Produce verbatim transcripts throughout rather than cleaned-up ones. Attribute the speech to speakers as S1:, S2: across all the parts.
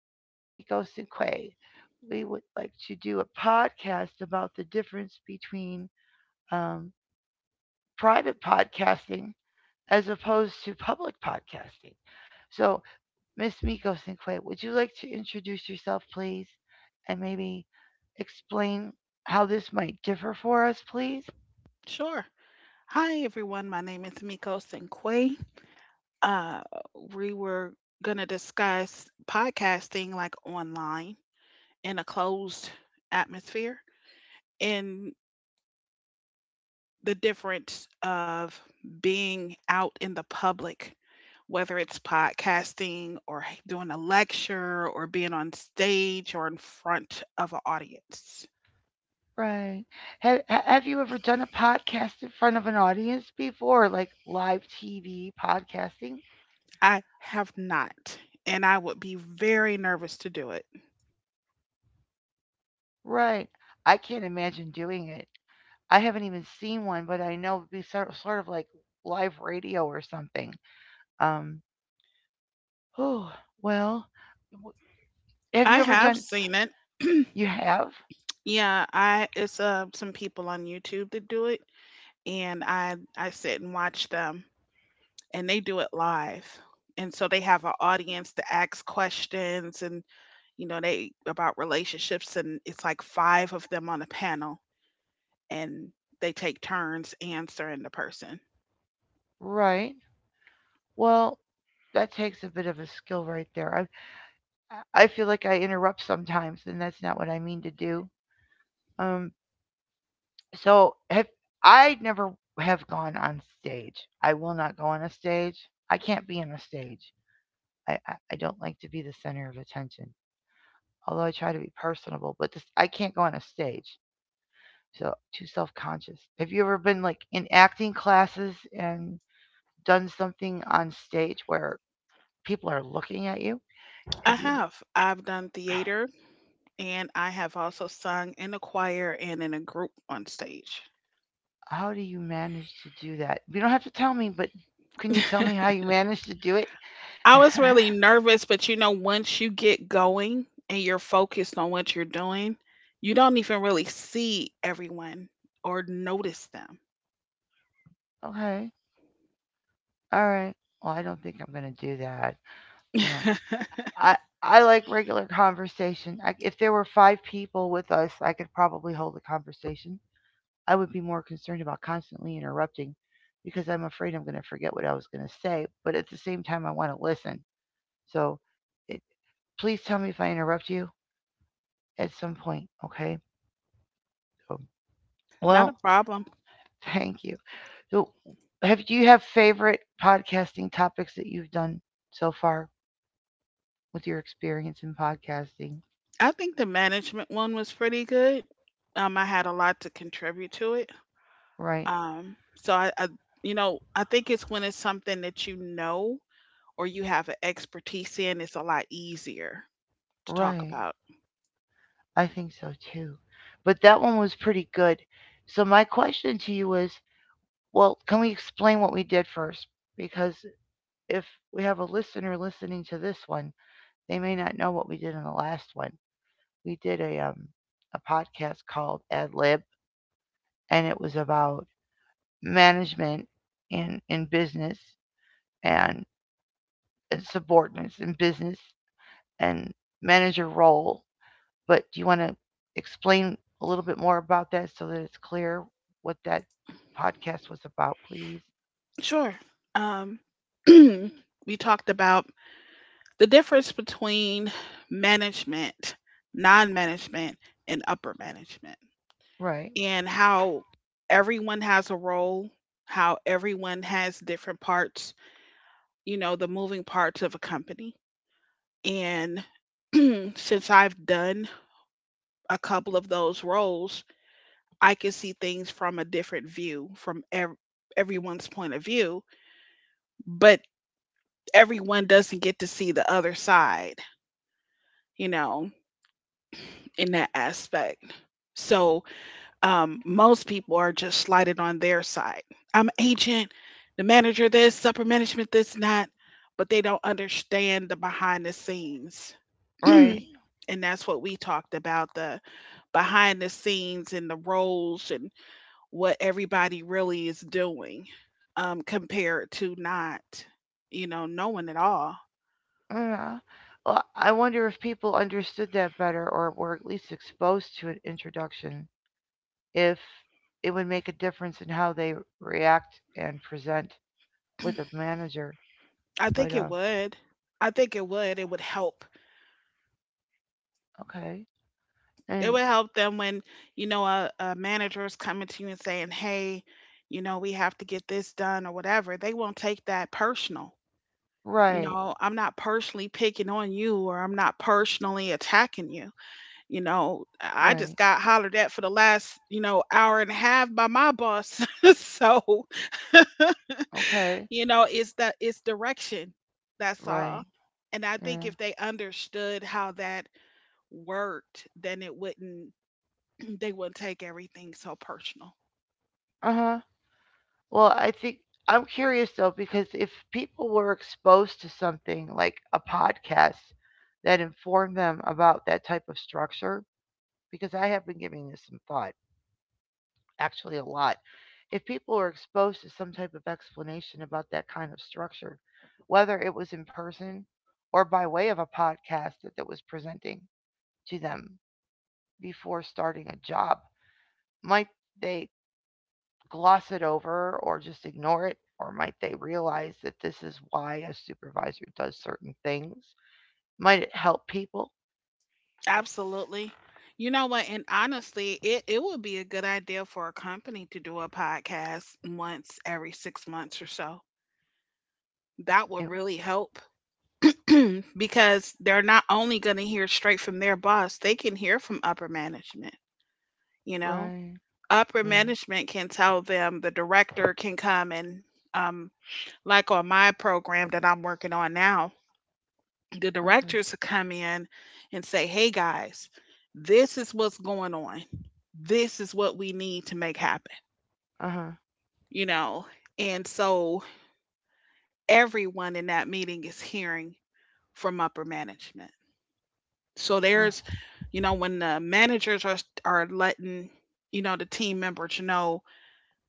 S1: with Miss Miko Sinque. We would like to do a podcast about the difference between um, private podcasting as opposed to public podcasting. So, Miss Miko Sinque, would you like to introduce yourself, please, and maybe explain how this might differ for us, please?
S2: Sure. Hi, everyone. My name is Miko Sinkwe. Uh, we were going to discuss podcasting like online in a closed atmosphere and the difference of being out in the public, whether it's podcasting or doing a lecture or being on stage or in front of an audience.
S1: Right. Have, have you ever done a podcast in front of an audience before, like live T V podcasting?
S2: I have not, and I would be very nervous to do it.
S1: Right. I can't imagine doing it. I haven't even seen one, but I know it'd be sort sort of like live radio or something. Um. Oh, well, w- have
S2: I
S1: you ever
S2: have
S1: done?
S2: seen it.
S1: You have,
S2: Yeah, I it's uh some people on YouTube that do it, and I I sit and watch them, and they do it live. And so they have an audience to ask questions, and you know they about relationships, and it's like five of them on a panel, and they take turns answering the person.
S1: right? Well, that takes a bit of a skill right there. I I feel like I interrupt sometimes, and that's not what I mean to do. Um. So have I never have gone on stage. I will not go on a stage. I can't be on a stage. I, I, I don't like to be the center of attention, although I try to be personable, but this, I can't go on a stage. So too self conscious. Have you ever been like in acting classes and done something on stage where people are looking at you?
S2: I
S1: Have you ever,
S2: have. I've done theater, and I have also sung in a choir and in a group on stage.
S1: how do you manage to do that? You don't have to tell me, but can you tell me how you manage to do it?
S2: I was really nervous, but you know, once you get going and you're focused on what you're doing, you don't even really see everyone or notice them.
S1: Okay. All right. Well, I don't think I'm going to do that. Well, I I like regular conversation. I, if there were five people with us, I could probably hold a conversation. I would be more concerned about constantly interrupting because I'm afraid I'm going to forget what I was going to say. But at the same time, I want to listen. So it, Please tell me if I interrupt you at some point, okay? So,
S2: Not a
S1: well,
S2: problem.
S1: Thank you. So, have do you have favorite podcasting topics that you've done so far with your experience in podcasting?
S2: I think the management one was pretty good. Um, I had a lot to contribute to it.
S1: Right,
S2: Um, so I, I, you know, I think it's when it's something that you know or you have an expertise in, it's a lot easier to talk
S1: right.
S2: about.
S1: I think so too. But that one was pretty good. So my question to you is, well, can we explain what we did first? Because if we have a listener listening to this one, they may not know what we did in the last one. We did a um, a podcast called Ad Lib, and it was about management in in business and, and subordinates in business and manager role. But do you want to explain a little bit more about that so that it's clear what that podcast was about, please?
S2: Sure. Um, we talked about the difference between management, non management, and upper management,
S1: Right,
S2: and how everyone has a role, how everyone has different parts, you know, the moving parts of a company. And since I've done a couple of those roles, I can see things from a different view, from ev- everyone's point of view, but everyone doesn't get to see the other side, you know, in that aspect. So um, Most people are just slighted on their side. I'm agent, the manager this, upper management this, not. But they don't understand the behind the scenes.
S1: right.
S2: And that's what we talked about: the behind the scenes and the roles and what everybody really is doing, um, compared to not, you know, knowing it all.
S1: Uh, well, I wonder if people understood that better or were at least exposed to an introduction, if it would make a difference in how they react and present with a manager.
S2: I
S1: But,
S2: think it
S1: uh,
S2: would. I think it would. It would help.
S1: okay.
S2: It
S1: And,
S2: would help them when, you know, a, a manager is coming to you and saying, hey, you know, we have to get this done or whatever, they won't take that personal. You
S1: right,
S2: know, I'm not personally picking on you or I'm not personally attacking you. You know, i I
S1: right.
S2: just got hollered at for the last, you know, hour and a half by my boss. So
S1: Okay,
S2: you know, it's that it's direction, that's
S1: right.
S2: all. And I think
S1: Yeah.
S2: if they understood how that worked, then it wouldn't, they wouldn't take everything so personal.
S1: Uh huh. Well, I think I'm curious though, because if people were exposed to something like a podcast that informed them about that type of structure, because I have been giving this some thought actually a lot. If people were exposed to some type of explanation about that kind of structure, whether it was in person or by way of a podcast that, that was presenting to them before starting a job, might they gloss it over or just ignore it? Or might they realize that this is why a supervisor does certain things? Might it help people? It-
S2: Absolutely. You know what? And honestly, it, it would be a good idea for a company to do a podcast once every six months or so. That would
S1: it-
S2: really help, because they're not only going to hear straight from their boss, they can hear from upper management. You know,
S1: right,
S2: upper
S1: right,
S2: management can tell them, the director can come and, um, like on my program that I'm working on now, the
S1: okay,
S2: directors to come in and say, hey guys, this is what's going on. This is what we need to make happen,
S1: uh
S2: you know? And so everyone in that meeting is hearing from upper management. So
S1: huh,
S2: there's, you know, when the managers are, are letting, you know, the team members know,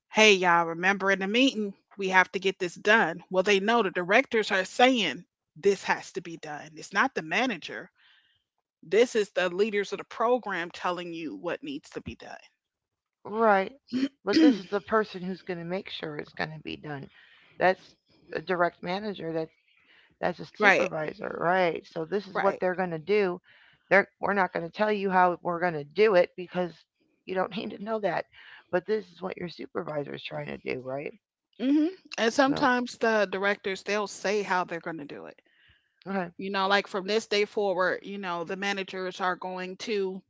S2: hey, y'all, remember in the meeting, we have to get this done. Well, they know the directors are saying this has to be done. It's not the manager. This is the leaders of the program telling you what needs to be done.
S1: right. But this is the person who's going to make sure it's going to be done. That's a direct manager. That's that's a
S2: Right,
S1: supervisor, right? So this is what
S2: right.
S1: they're going to do. They're We're not going to tell you how we're going to do it because you don't need to know that. But this is what your supervisor is trying to do, right?
S2: Hmm. And
S1: So
S2: sometimes the directors, they'll say how they're going to do it.
S1: okay,
S2: You know, like from this day forward, you know, the managers are going to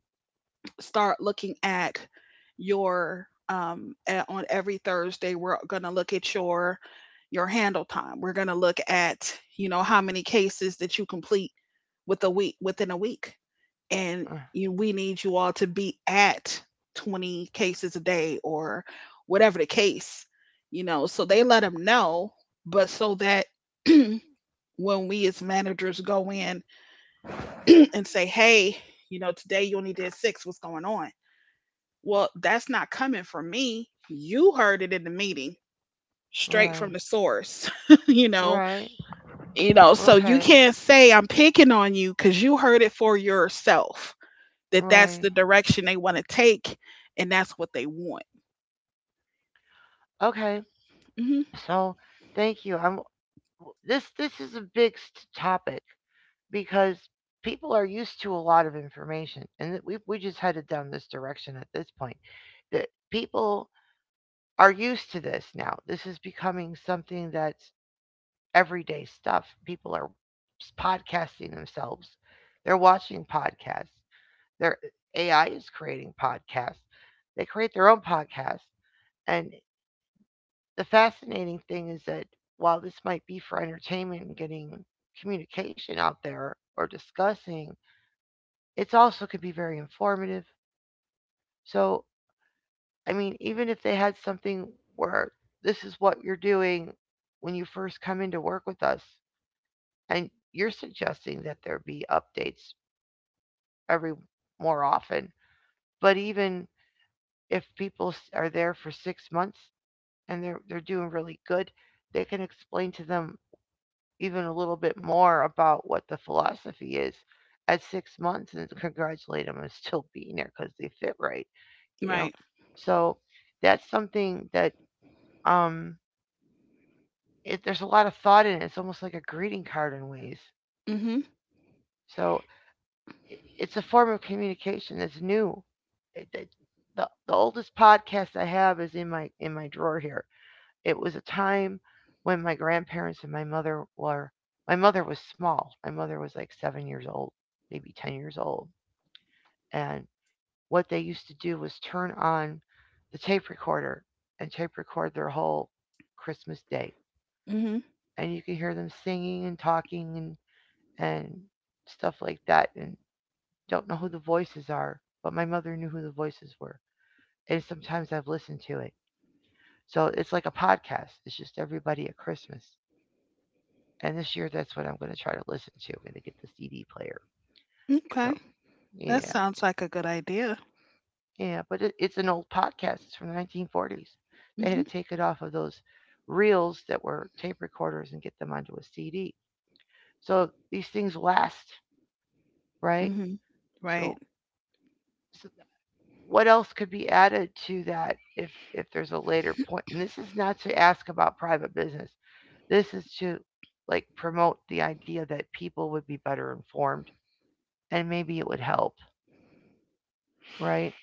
S2: start looking at your um a- on every Thursday we're going to look at your your handle time. We're going to look at, you know, how many cases that you complete with a week within a week, and
S1: uh,
S2: you, we need you all to be at twenty cases a day or whatever the case, you know. So they let them know, but so that when we as managers go in and say, hey, you know, today you only did six, what's going on? Well, that's not coming from me. You heard it in the meeting straight
S1: right,
S2: from the source. You know,
S1: right,
S2: you know, so you
S1: okay,
S2: can't say I'm picking on you because you heard it for yourself. That that's
S1: right,
S2: the direction they want to take, and that's what they want.
S1: okay.
S2: Mhm.
S1: So thank you. I'm, this this is a big s- topic, because people are used to a lot of information and that we we just headed down this direction at this point, that people are used to this. Now this is becoming something that's everyday stuff. People are podcasting themselves, they're watching podcasts, their ai is creating podcasts, they create their own podcasts, and the fascinating thing is that while this might be for entertainment and getting communication out there or discussing, it's also could be very informative. So, I mean, even if they had something where this is what you're doing when you first come in to work with us, and you're suggesting that there be updates every, more often, but even if people s- are there for six months and they're they're doing really good, they can explain to them even a little bit more about what the philosophy is at six months and congratulate them on still being there because they fit right, you know.
S2: Right.
S1: So that's something that um, it, there's a lot of thought in it. It's almost like a greeting card in ways.
S2: Mhm.
S1: So i- it's a form of communication that's new. It- it- the, the oldest podcast I have is in my in my drawer here. It was a time when my grandparents and my mother were, my mother was small. My mother was like seven years old, maybe ten years old. And what they used to do was turn on the tape recorder and tape record their whole Christmas day.
S2: Mhm.
S1: And you could hear them singing and talking and and stuff like that and don't know who the voices are, but my mother knew who the voices were. And sometimes I've listened to it. So it's like a podcast. It's just everybody at Christmas. And this year, that's what I'm going to try to listen to. I'm going to get the C D player. So,
S2: Okay. That
S1: yeah,
S2: sounds like a good idea.
S1: yeah. But it, it's an old podcast. It's from the nineteen forties. They had
S2: Mhm.
S1: to take it off of those reels that were tape recorders and get them onto a C D. So these things last, right?
S2: Mhm. Right.
S1: So, so what else could be added to that if if there's a later point? And this is not to ask about private business. This is to like promote the idea that people would be better informed and maybe it would help, right?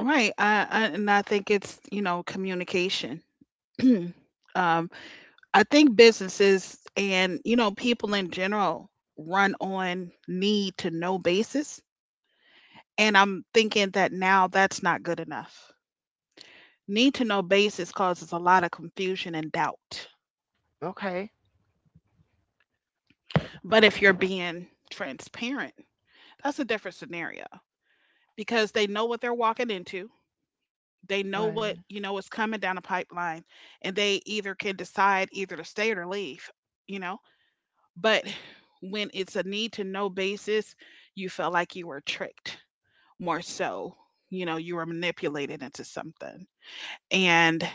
S2: Right. I, I and I think it's, you know, communication. um I think businesses and, you know, people in general run on need to know basis, and I'm thinking that now that's not good enough. Need to know basis causes a lot of confusion and doubt.
S1: Okay.
S2: But if you're being transparent, that's a different scenario because they know what they're walking into. They know what, you
S1: Right.
S2: know, is coming down the pipeline, and they either can decide either to stay or to leave, you know? But when it's a need to know basis, you felt like you were tricked, more so, you know, you were manipulated into something. And,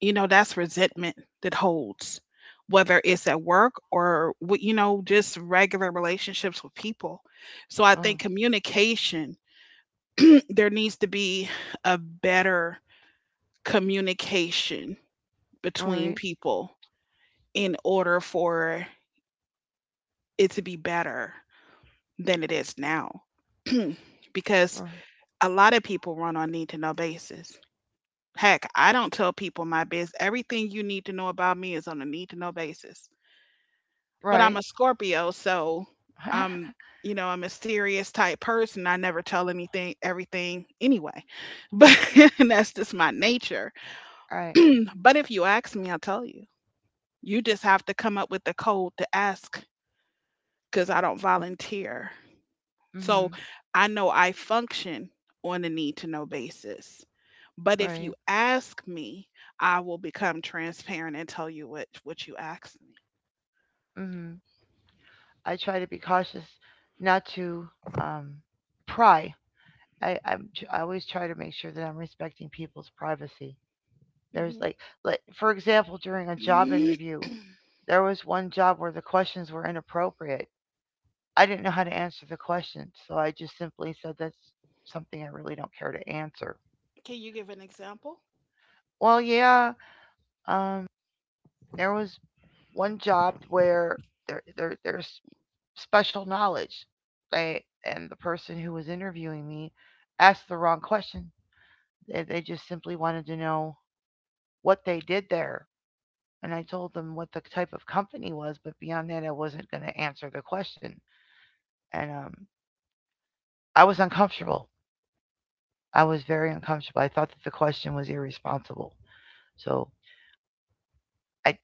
S2: you know, that's resentment that holds, whether it's at work or, wi- you know, just regular relationships with people. So I
S1: Uh,
S2: think communication, there needs to be a better communication between
S1: right.
S2: people in order for it to be better than it is now. Because
S1: Uh,
S2: a lot of people run on need to know basis. Heck, I don't tell people my biz. Everything you need to know about me is on a need to know basis. But I'm
S1: right.
S2: a Scorpio, so I'm, you know, a mysterious type person. I never tell anything, everything anyway. But and that's just my nature.
S1: right.
S2: But if you ask me, I'll tell you. You just have to come up with the code to ask because I don't volunteer. So
S1: Mhm.
S2: I know I function on a need to know basis. But if
S1: Right.
S2: you ask me, I will become transparent and tell you what, what you asked me.
S1: Mhm. I try to be cautious not to um pry. I I'm tr- I always try to make sure that I'm respecting people's privacy. There's
S2: Hmm.
S1: like like for example during a job interview, there was one job where the questions were inappropriate. I didn't know how to answer the questions, so I just simply said that's something I really don't care to answer.
S2: Can you give an example?
S1: Well, yeah, um there was one job where there, there there's special knowledge. They, and the person who was interviewing me asked the wrong question. They, they just simply wanted to know what they did there. And I told them what the type of company was, but beyond that, I wasn't going to answer the question. And um, I was uncomfortable. I was very uncomfortable. I thought that the question was irresponsible. So I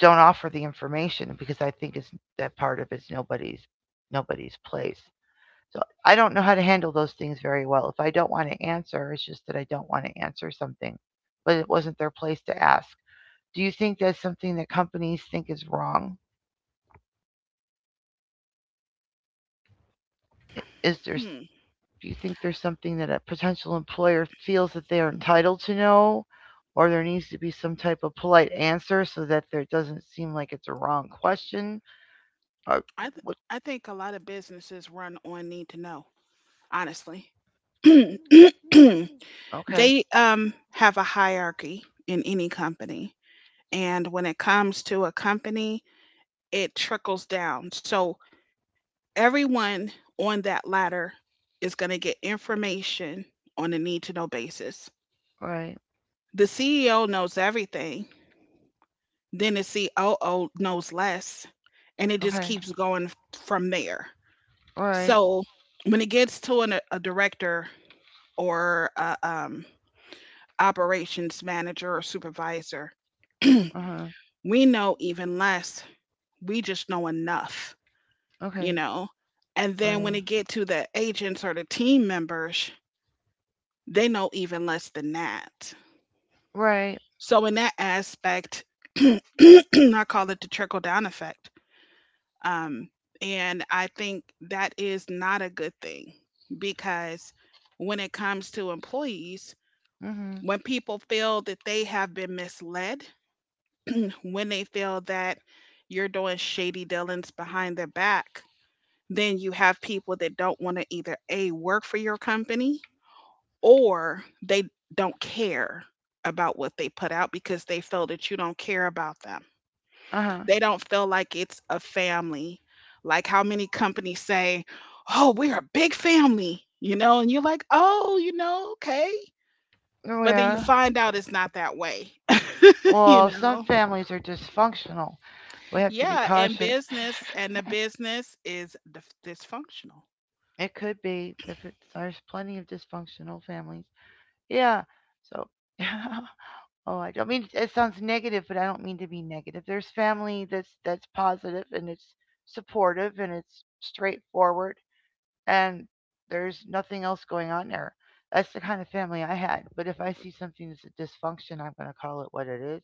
S1: don't offer the information because I think it's that part of it's nobody's nobody's place. So I don't know how to handle those things very well. If I don't want to answer, it's just that I don't want to answer something, but it wasn't their place to ask. Do you think that's something that companies think is wrong? Is there, do you think there's something that a potential employer feels that they are entitled to know, or there needs to be some type of polite answer so that there doesn't seem like it's a wrong question? Or
S2: I th-
S1: what
S2: I think a lot of businesses run on need to know, honestly. They
S1: Okay.
S2: um have a hierarchy in any company, and when it comes to a company, it trickles down. So everyone on that ladder is going to get information on a need to know basis.
S1: Right.
S2: The C E O knows everything, then the C O O knows less, and it just
S1: Okay.
S2: keeps going f- from there.
S1: Right, right.
S2: So when it gets to an, a director or a, um, operations manager or supervisor,
S1: Uh-huh.
S2: we know even less. We just know enough, you
S1: Okay.
S2: know. And then when
S1: Right.
S2: it get to the agents or the team members, they know even less than that.
S1: Right.
S2: So in that aspect, I call it the trickle down effect. Um, and I think that is not a good thing because when it comes to employees,
S1: Mhm.
S2: when people feel that they have been misled, when they feel that you're doing shady dealings behind their back, then you have people that don't want to either A, work for your company, or they don't care about what they put out because they feel that you don't care about them.
S1: Uh-huh.
S2: They don't feel like it's a family. Like how many companies say, oh, we're a big family, you know, and you're like, oh, you know, okay.
S1: Oh
S2: But then you
S1: yeah.
S2: find out it's not that way. You
S1: Well, some
S2: know.
S1: families are dysfunctional. We have to be
S2: Yeah, and
S1: cautious.
S2: business and the business is dif- dysfunctional.
S1: It could be if it's, there's plenty of dysfunctional families. Yeah. So oh, I don't mean it sounds negative, but I don't mean to be negative. There's family that's that's positive and it's supportive and it's straightforward and there's nothing else going on there. That's the kind of family I had. But if I see something that's a dysfunction, I'm going to call it what it is.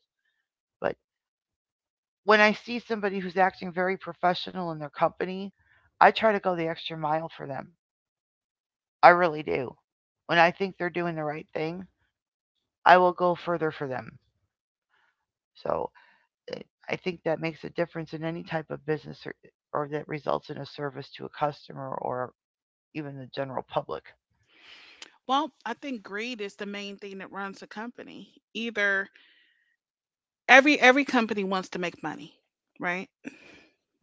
S1: But when I see somebody who's acting very professional in their company, I try to go the extra mile for them. I really do. When I think they're doing the right thing, I will go further for them. So eh, I think that makes a difference in any type of business or, or that results in a service to a customer or even the general public.
S2: Well, I think greed is the main thing that runs a company. Either every every company wants to make money, right?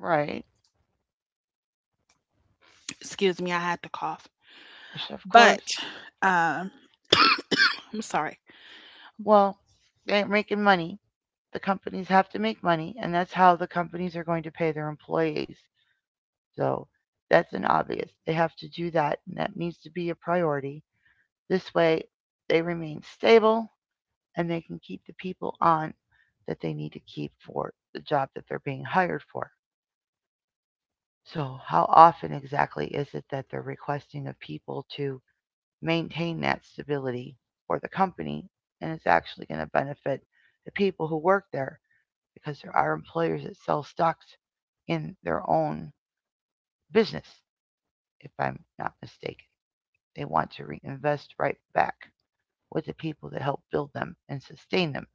S1: Right.
S2: Excuse me, I had to cough.
S1: Of
S2: But
S1: course.
S2: um, I'm sorry.
S1: Well, they ain't making money. The companies have to make money, and that's how the companies are going to pay their employees. So that's an obvious. They have to do that, and that needs to be a priority. This way, they remain stable and they can keep the people on that they need to keep for the job that they're being hired for. So, how often exactly is it that they're requesting of people to maintain that stability for the company and it's actually going to benefit the people who work there because there are employers that sell stocks in their own business, if I'm not mistaken. They want to reinvest right back with the people that help build them and sustain them.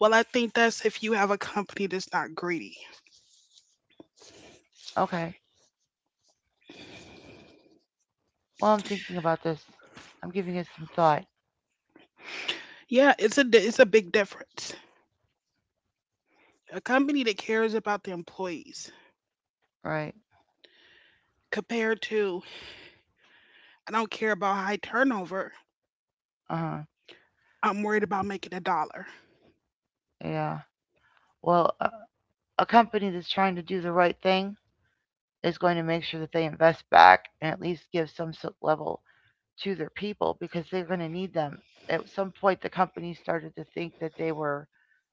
S2: Well, I think that's if you have a company that's not greedy.
S1: Okay. Well, I'm thinking about this. I'm giving it some thought.
S2: Yeah, it's a di- it's a big difference. A company that cares about the employees
S1: Right.
S2: compared to I don't care about high turnover.
S1: Uh huh.
S2: I'm worried about making a dollar.
S1: Yeah. Well, a, a company that's trying to do the right thing is going to make sure that they invest back and at least give some so, level to their people because they're going to need them. At some point, the company started to think that they were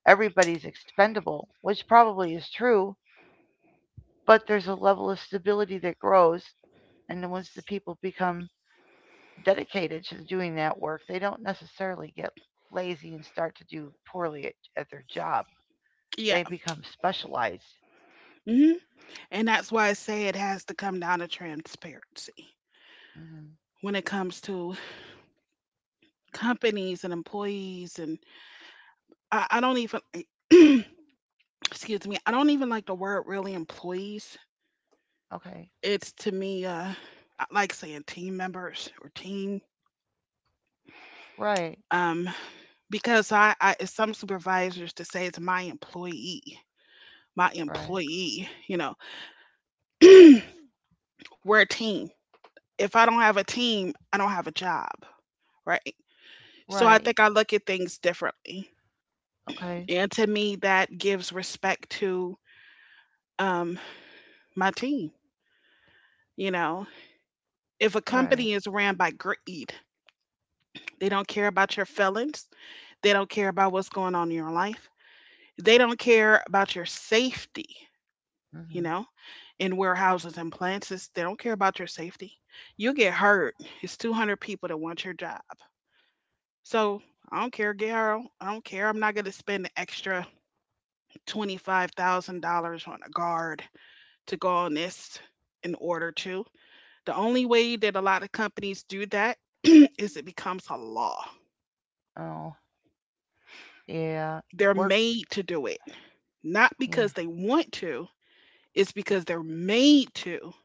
S1: everybody's expendable, which probably is true, but there's a level of stability that grows. And then once the people become dedicated to doing that work, they don't necessarily get lazy and start to do poorly at, at their job.
S2: Yeah.
S1: They become specialized.
S2: Mm-hmm. And that's why I say it has to come down to transparency
S1: Hmm.
S2: when it comes to companies and employees. And I, I don't even, excuse me, I don't even like the word really employees.
S1: Okay.
S2: It's to me, uh, I like saying team members or team,
S1: Right.
S2: um, because I, I some supervisors to say it's my employee, my
S1: Right.
S2: employee, you know, we're a team. If I don't have a team, I don't have a job, right? So I
S1: Right.
S2: think I look at things differently.
S1: Okay.
S2: And to me, that gives respect to um, my team. You know, if a
S1: Right.
S2: company is ran by greed, they don't care about your feelings, they don't care about what's going on in your life, they don't care about your safety, you
S1: Hmm.
S2: know, in warehouses and plants, it's- they don't care about your safety. You get hurt. It's two hundred people that want your job. So I don't care, girl. I don't care. I'm not going to spend the extra twenty-five thousand dollars on a guard to go on this in order to. The only way that a lot of companies do that is it becomes a law.
S1: Oh, yeah.
S2: They're
S1: Work.
S2: made to do it, not
S1: Yeah.
S2: because they want to, it's because they're made to.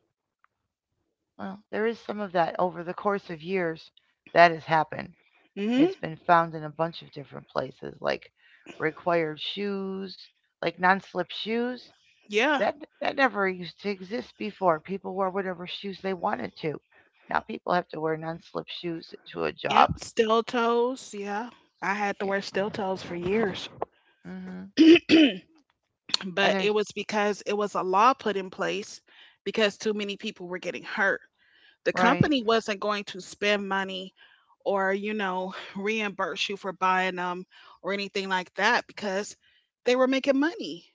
S1: Well, there is some of that over the course of years that has happened.
S2: Hmm.
S1: It's been found in a bunch of different places, like required shoes, like non slip shoes.
S2: Yeah.
S1: That that never used to exist before. People wore whatever shoes they wanted to. Now people have to wear non-slip shoes to a job.
S2: Yep. Stilettos. Yeah. I had to
S1: Yeah.
S2: wear stilettos for years,
S1: Hmm. And
S2: but
S1: there's
S2: it was because it was a law put in place because too many people were getting hurt. The
S1: right,
S2: company wasn't going to spend money or, you know, reimburse you for buying them or anything like that because they were making money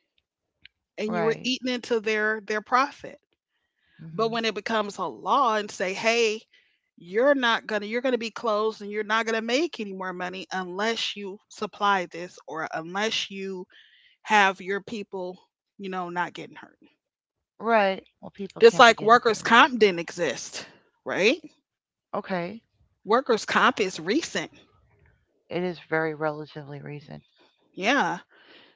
S2: and you were
S1: right,
S2: eating into their their profit. But
S1: hmm
S2: when it becomes a law and say, "Hey, you're not going to you're going to be closed and you're not going to make any more money unless you supply this or unless you have your people, you know, not getting hurt."
S1: right. Well, people
S2: Just
S1: can't be
S2: like
S1: getting
S2: workers'
S1: hurt to work.
S2: comp didn't exist, right?
S1: Okay,
S2: Workers' comp is recent.
S1: it is very relatively recent,
S2: Yeah.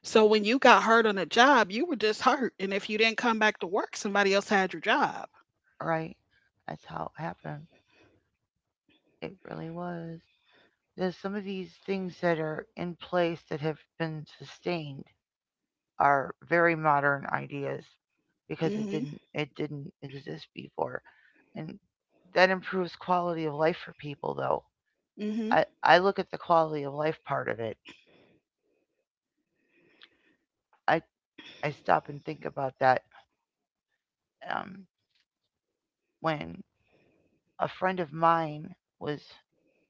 S2: So when you got hurt on a job, you were just hurt, and if you didn't come back to work, somebody else had your job.
S1: right? That's how it happened. It really was. There's some of these things that are in place that have been sustained are very modern ideas because it
S2: Mhm.
S1: didn't it didn't exist before, and that improves quality of life for people though.
S2: Mhm.
S1: I i look at the quality of life part of it. I i stop and think about that, um when a friend of mine was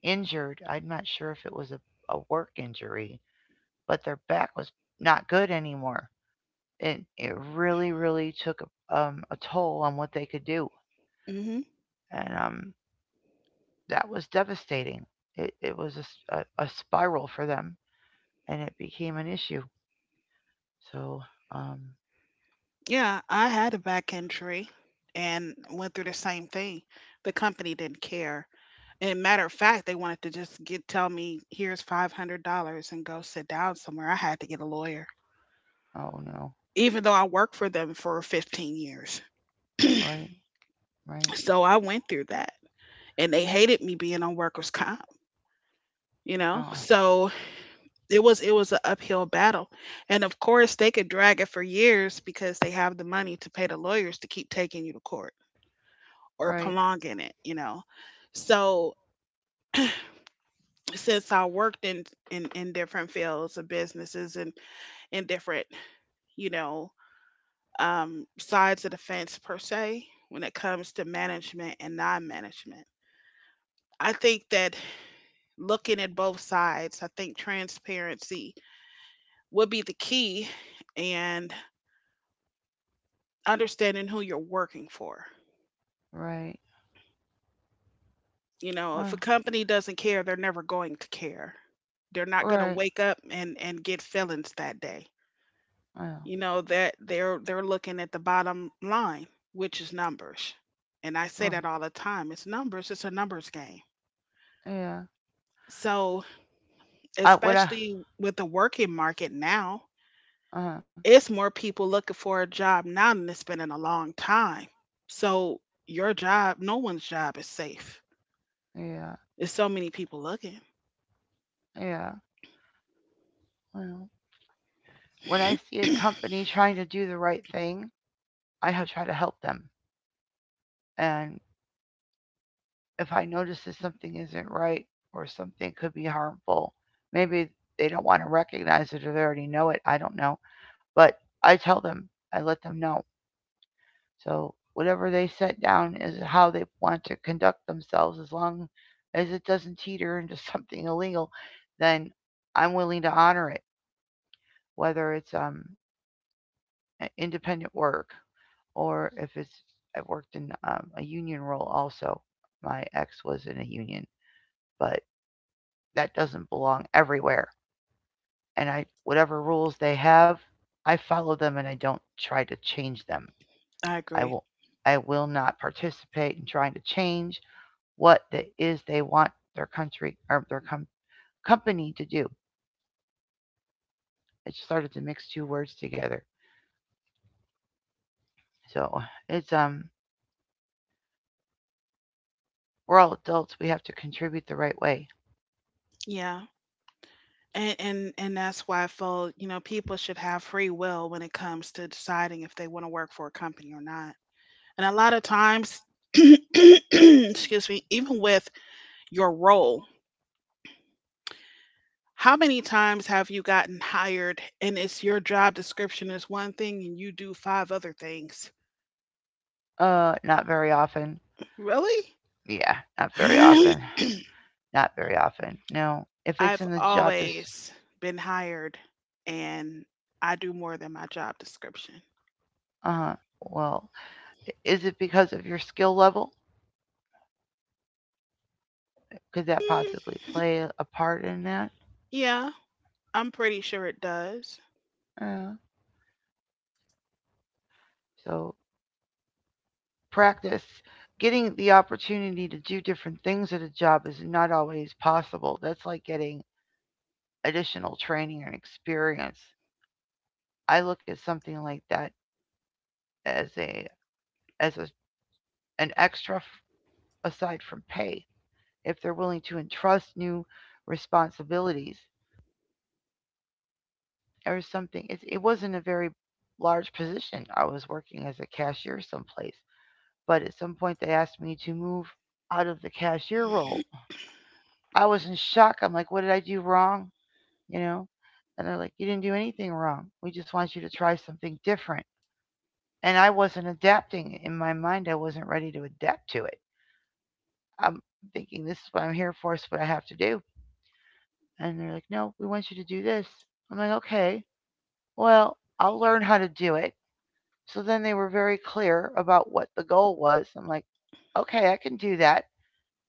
S1: injured. I'm not sure if it was a, a work injury, but their back was not good anymore, and it really really took um, a toll on what they could do.
S2: Mhm.
S1: And um that was devastating. It, it was a a a spiral for them, and it became an issue. So um
S2: Yeah, I had a back injury and went through the same thing. The company didn't care. And matter of fact, they wanted to just get tell me, "Here's five hundred dollars and go sit down somewhere." I had to get a lawyer,
S1: Oh no.
S2: even though I worked for them for fifteen years.
S1: Right. Right.
S2: So I went through that, and they hated me being on workers' comp. You know,
S1: Uh.
S2: so it was it was an uphill battle, and of course they could drag it for years because they have the money to pay the lawyers to keep taking you to court or
S1: Right.
S2: prolonging it you know So since I worked in in, in different fields of businesses and in different you know um, sides of the fence, per se, when it comes to management and non-management, I think that looking at both sides, I think transparency would be the key and understanding who you're working for.
S1: Right.
S2: You know, if a
S1: Well.
S2: company doesn't care, they're never going to care. They're not going to
S1: Right.
S2: wake up and and get feelings that day.
S1: Well.
S2: You know that they're they're looking at the bottom line, which is numbers. And I say
S1: Right.
S2: that all the time. It's numbers. It's a numbers game.
S1: Yeah.
S2: So,
S1: I when I.
S2: especially with the working market now,
S1: Uh.
S2: it's more people looking for a job now than it's been in a long time. So, your job, no one's job is safe.
S1: Yeah.
S2: There's so many people looking.
S1: Yeah. Well. When I see a company trying to do the right thing, I have tried to help them. And if I notice that something isn't right or something could be harmful, maybe they don't want to recognize it or they already know it. I don't know. But I tell them. I let them know. So whatever they set down is how they want to conduct themselves, as long as it doesn't teeter into something illegal, then I'm willing to honor it, whether it's um, a- independent work or if it's I've worked in um, a union role also. My ex was in a union, but that doesn't belong everywhere. And I whatever rules they have, I follow them and I don't try to change them.
S2: I
S1: I
S2: agree.
S1: will I will not participate in trying to change what it is they want their country or their com- company to do. I just started to mix two words together. So it's um we're all adults. We have to contribute the right way.
S2: Yeah. And, and and that's why I feel, you know, people should have free will when it comes to deciding if they want to work for a company or not. And a lot of times, excuse me, even with your role, how many times have you gotten hired and it's your job description is one thing and you do five other things?
S1: Uh, not very often.
S2: Really?
S1: Yeah, not very often. Not very often. No, if it's
S2: I've
S1: in the job, just
S2: always been hired and I do more than my job description.
S1: uh huh. Well, is it because of your skill level? Could that
S2: Mm,
S1: possibly play a a part in that?
S2: yeah, I'm pretty sure it does.
S1: Uh, so practice, getting the opportunity to do different things at a job is not always possible. That's like getting additional training and experience. I look at something like that as a as a, an extra f- aside from pay. If they're willing to entrust new responsibilities or something, it, it wasn't a very large position. I was working as a cashier someplace, but at some point they asked me to move out of the cashier role. I was in shock. I'm like, what did I do wrong? You know? And they're like, you didn't do anything wrong. We just want you to try something different. And I wasn't adapting. In my mind, I wasn't ready to adapt to it. I'm thinking, this is what I'm here for, it's what I have to do. And they're like, no, we want you to do this. I'm like, okay, well, I'll learn how to do it. So then they were very clear about what the goal was. I'm like, okay, I can do that.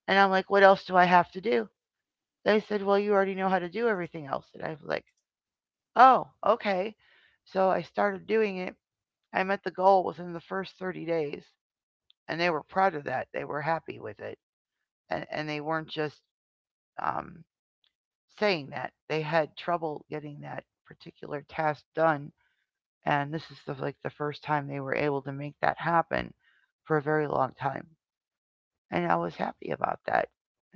S1: And I'm like, what else do I have to do? They said, well, you already know how to do everything else. And I was like, oh, okay. So I started doing it. I met the goal within the first thirty days, and they were proud of that. They were happy with it, and and they weren't just um, saying that. They had trouble getting that particular task done, and this is the, like the first time they were able to make that happen for a very long time, and I was happy about that.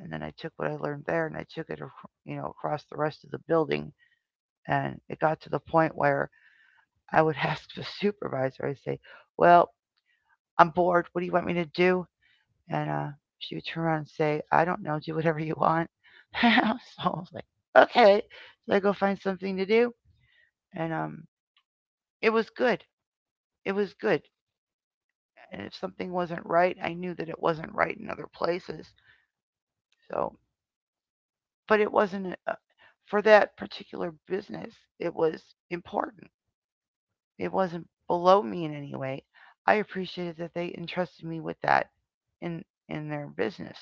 S1: And then I took what I learned there, and I took it, you know, across the rest of the building, and it got to the point where I would ask the supervisor. I'd say, "Well, I'm bored. What do you want me to do?" And uh, she would turn around and say, I don't know, do whatever you want. So I was like, okay. So I go find something to do. And um, it was good. It was good. And if something wasn't right, I knew that it wasn't right in other places. So, but it wasn't uh, for that particular business, it was important. It wasn't below me in any way. I appreciated that they entrusted me with that in in their business.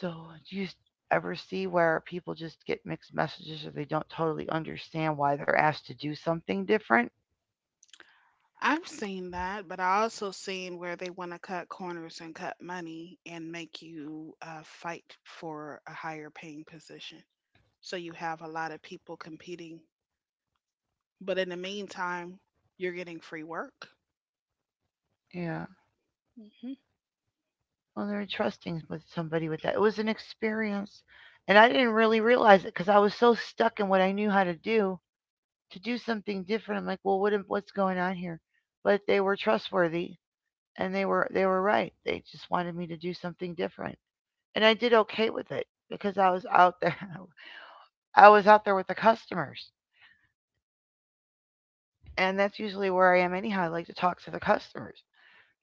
S1: So, do you s- ever see where people just get mixed messages or they don't totally understand why they're asked to do something different?
S2: I've seen that, but I also seen where they want to cut corners and cut money and make you uh, fight for a higher paying position. So you have a lot of people competing, but in the meantime, you're getting free work.
S1: Yeah. Well, they're trusting with somebody with that. It was an experience. And I didn't really realize it because I was so stuck in what I knew how to do to do something different. I'm like, well, what, am- what's going on here? But they were trustworthy and they were they were right. They just wanted me to do something different, and I did okay with it because I was out there. I was out there with the customers. And that's usually where I am anyhow. I like to talk to the customers.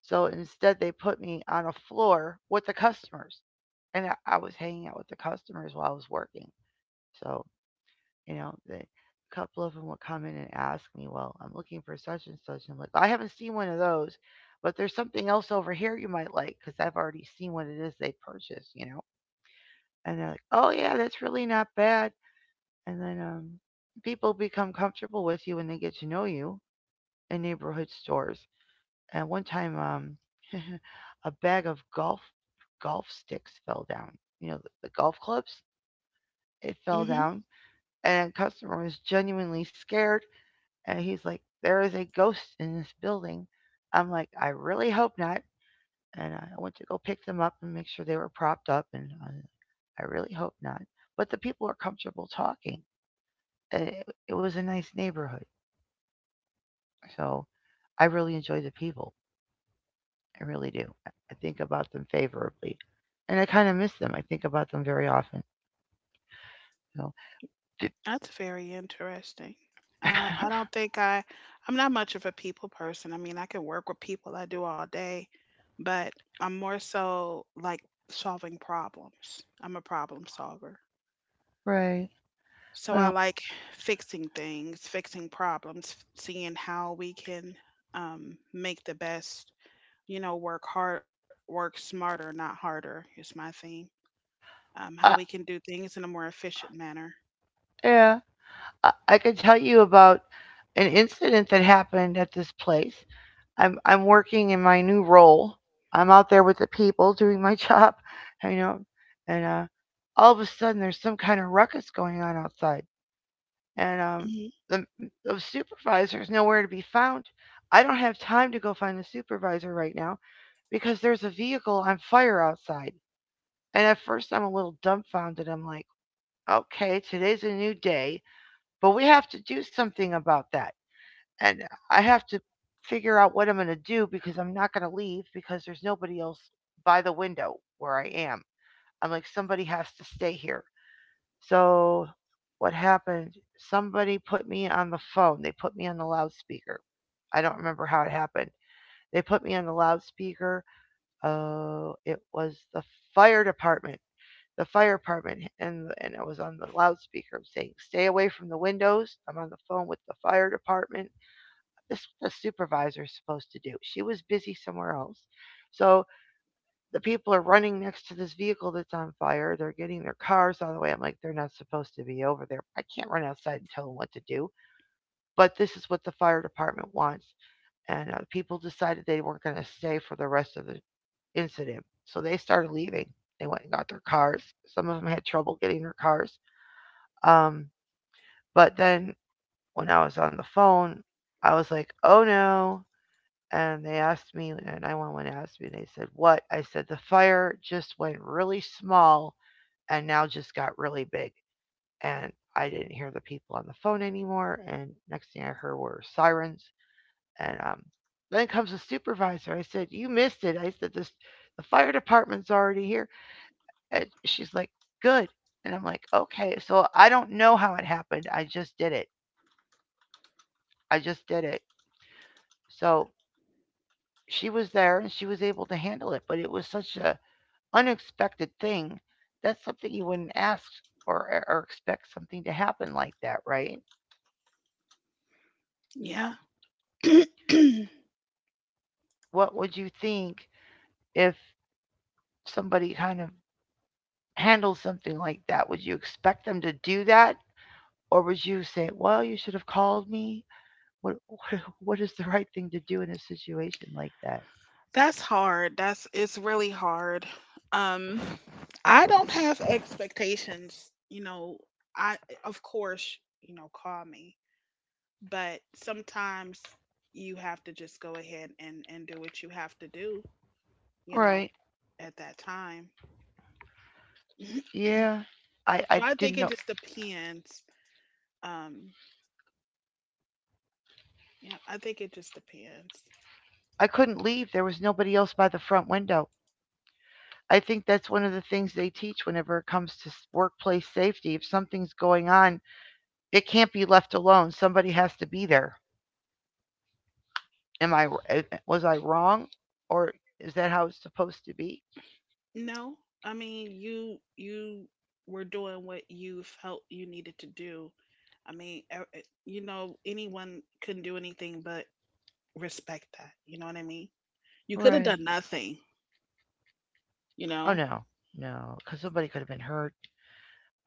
S1: So instead, they put me on a floor with the customers, and I, I was hanging out with the customers while I was working. So you know, the a couple of them would come in and ask me, "Well, I'm looking for such and such," and I'm like, "Well, I haven't seen one of those, but there's something else over here you might like because I've already seen what it is they purchased," you know. And they're like, "Oh yeah, that's really not bad." And then um, people become comfortable with you when they get to know you in neighborhood stores. At one time, um, a bag of golf golf sticks fell down. You know, the, the golf clubs. It fell
S2: Hmm.
S1: down, and a customer was genuinely scared. And he's like, "There is a ghost in this building." I'm like, "I really hope not." And I went to go pick them up and make sure they were propped up, and I, was like, I really hope not. But the people are comfortable talking. And It, it was a nice neighborhood, so I really enjoyed the people. I really do. I I think about them favorably, and I kind of miss them. I think about them very often. So, Did-
S2: That's very interesting. I I don't think I I'm not much of a people person. I mean, I can work with people I do all day, but I'm more so like solving problems. I'm a problem solver.
S1: right?
S2: So I
S1: Well,
S2: like fixing things, fixing problems, f- seeing how we can um, make the best, you know, work hard, work smarter, not harder is my thing. Um, how we
S1: I,
S2: can do things in a more efficient manner.
S1: yeah, I, I could tell you about an incident that happened at this place. I'm I'm working in my new role. I'm out there with the people doing my job, you know, and uh, all of a sudden there's some kind of ruckus going on outside, and um,
S2: Mhm.
S1: the the supervisor is nowhere to be found. I don't have time to go find the supervisor right now, because there's a vehicle on fire outside. And at first, I'm a little dumbfounded. I'm like, okay, today's a new day, but we have to do something about that. And I have to figure out what I'm going to do because I'm not going to leave because there's nobody else by the window where I am. I'm like, somebody has to stay here. So, what happened? Somebody put me on the phone, they put me on the loudspeaker. I don't remember how it happened. They put me on the loudspeaker. Oh, it was the fire department. The fire department, and and I was on the loudspeaker saying, "Stay away from the windows." I'm on the phone with the fire department. This is what the supervisor's supposed to do. She was busy somewhere else, so the people are running next to this vehicle that's on fire. They're getting their cars out of the way. I'm like, they're not supposed to be over there. I can't run outside and tell them what to do. But this is what the fire department wants, and uh, people decided they weren't going to stay for the rest of the incident. So they started leaving. They went and got their cars. Some of them had trouble getting their cars. Um, but then when I was on the phone, I was like, oh no. And they asked me, and nine one one asked me, and they said, what? I said, the fire just went really small and now just got really big. And I didn't hear the people on the phone anymore. And next thing I heard were sirens. And um, Then comes the supervisor. I said, "You missed it." I said, "This the fire department's already here." And she's like, "Good." And I'm like, "Okay." So I don't know how it happened. I just did it. I just did it. So she was there and she was able to handle it, but it was such a unexpected thing. That's something you wouldn't ask or er, or expect something to happen like that, right?
S2: Yeah.
S1: What would you think if somebody kind of handles something like that? Would you expect them to do that, or would you say, "Well, you should have called me"? What what, what is the right thing to do in a situation like that?
S2: That's hard. That's It's really hard. Um I don't have expectations, you know, I of course, you know, call me, but sometimes you have to just go ahead and and do what you have to do, you know,
S1: Right.
S2: at that time.
S1: Yeah. I
S2: So
S1: I
S2: I think
S1: didn't
S2: it
S1: know.
S2: just depends. Um yeah, I think it just depends.
S1: I couldn't leave. There was nobody else by the front window. I think that's one of the things they teach whenever it comes to workplace safety. If something's going on, it can't be left alone. Somebody has to be there. Am I eh, eh, was I wrong, or is that how it's supposed to be?
S2: No, I mean, you you were doing what you felt you needed to do. I mean, e- e- you know, anyone couldn't do anything but respect that. You know what I mean? You could have
S1: Right.
S2: done nothing, you
S1: Oh
S2: know?
S1: no. No, cuz somebody could have been hurt.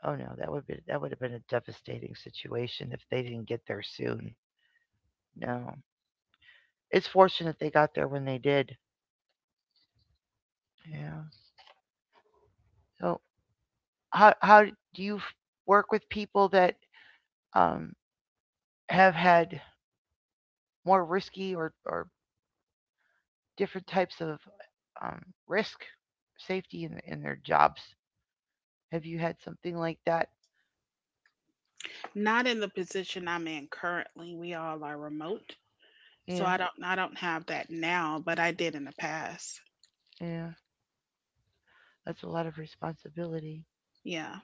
S1: Oh no, that would be that would have been a devastating situation if they didn't get there soon. No, it's fortunate they got there when they did. Yeah. So how how do you f- work with people that um, have had more risky or or different types of um, risk safety in in their jobs? Have you had something like that?
S2: Not in the position I'm in currently. We all are remote. So
S1: Yeah,
S2: I don't I don't have that now, but I did in the past.
S1: yeah. That's a lot of responsibility.
S2: Yeah.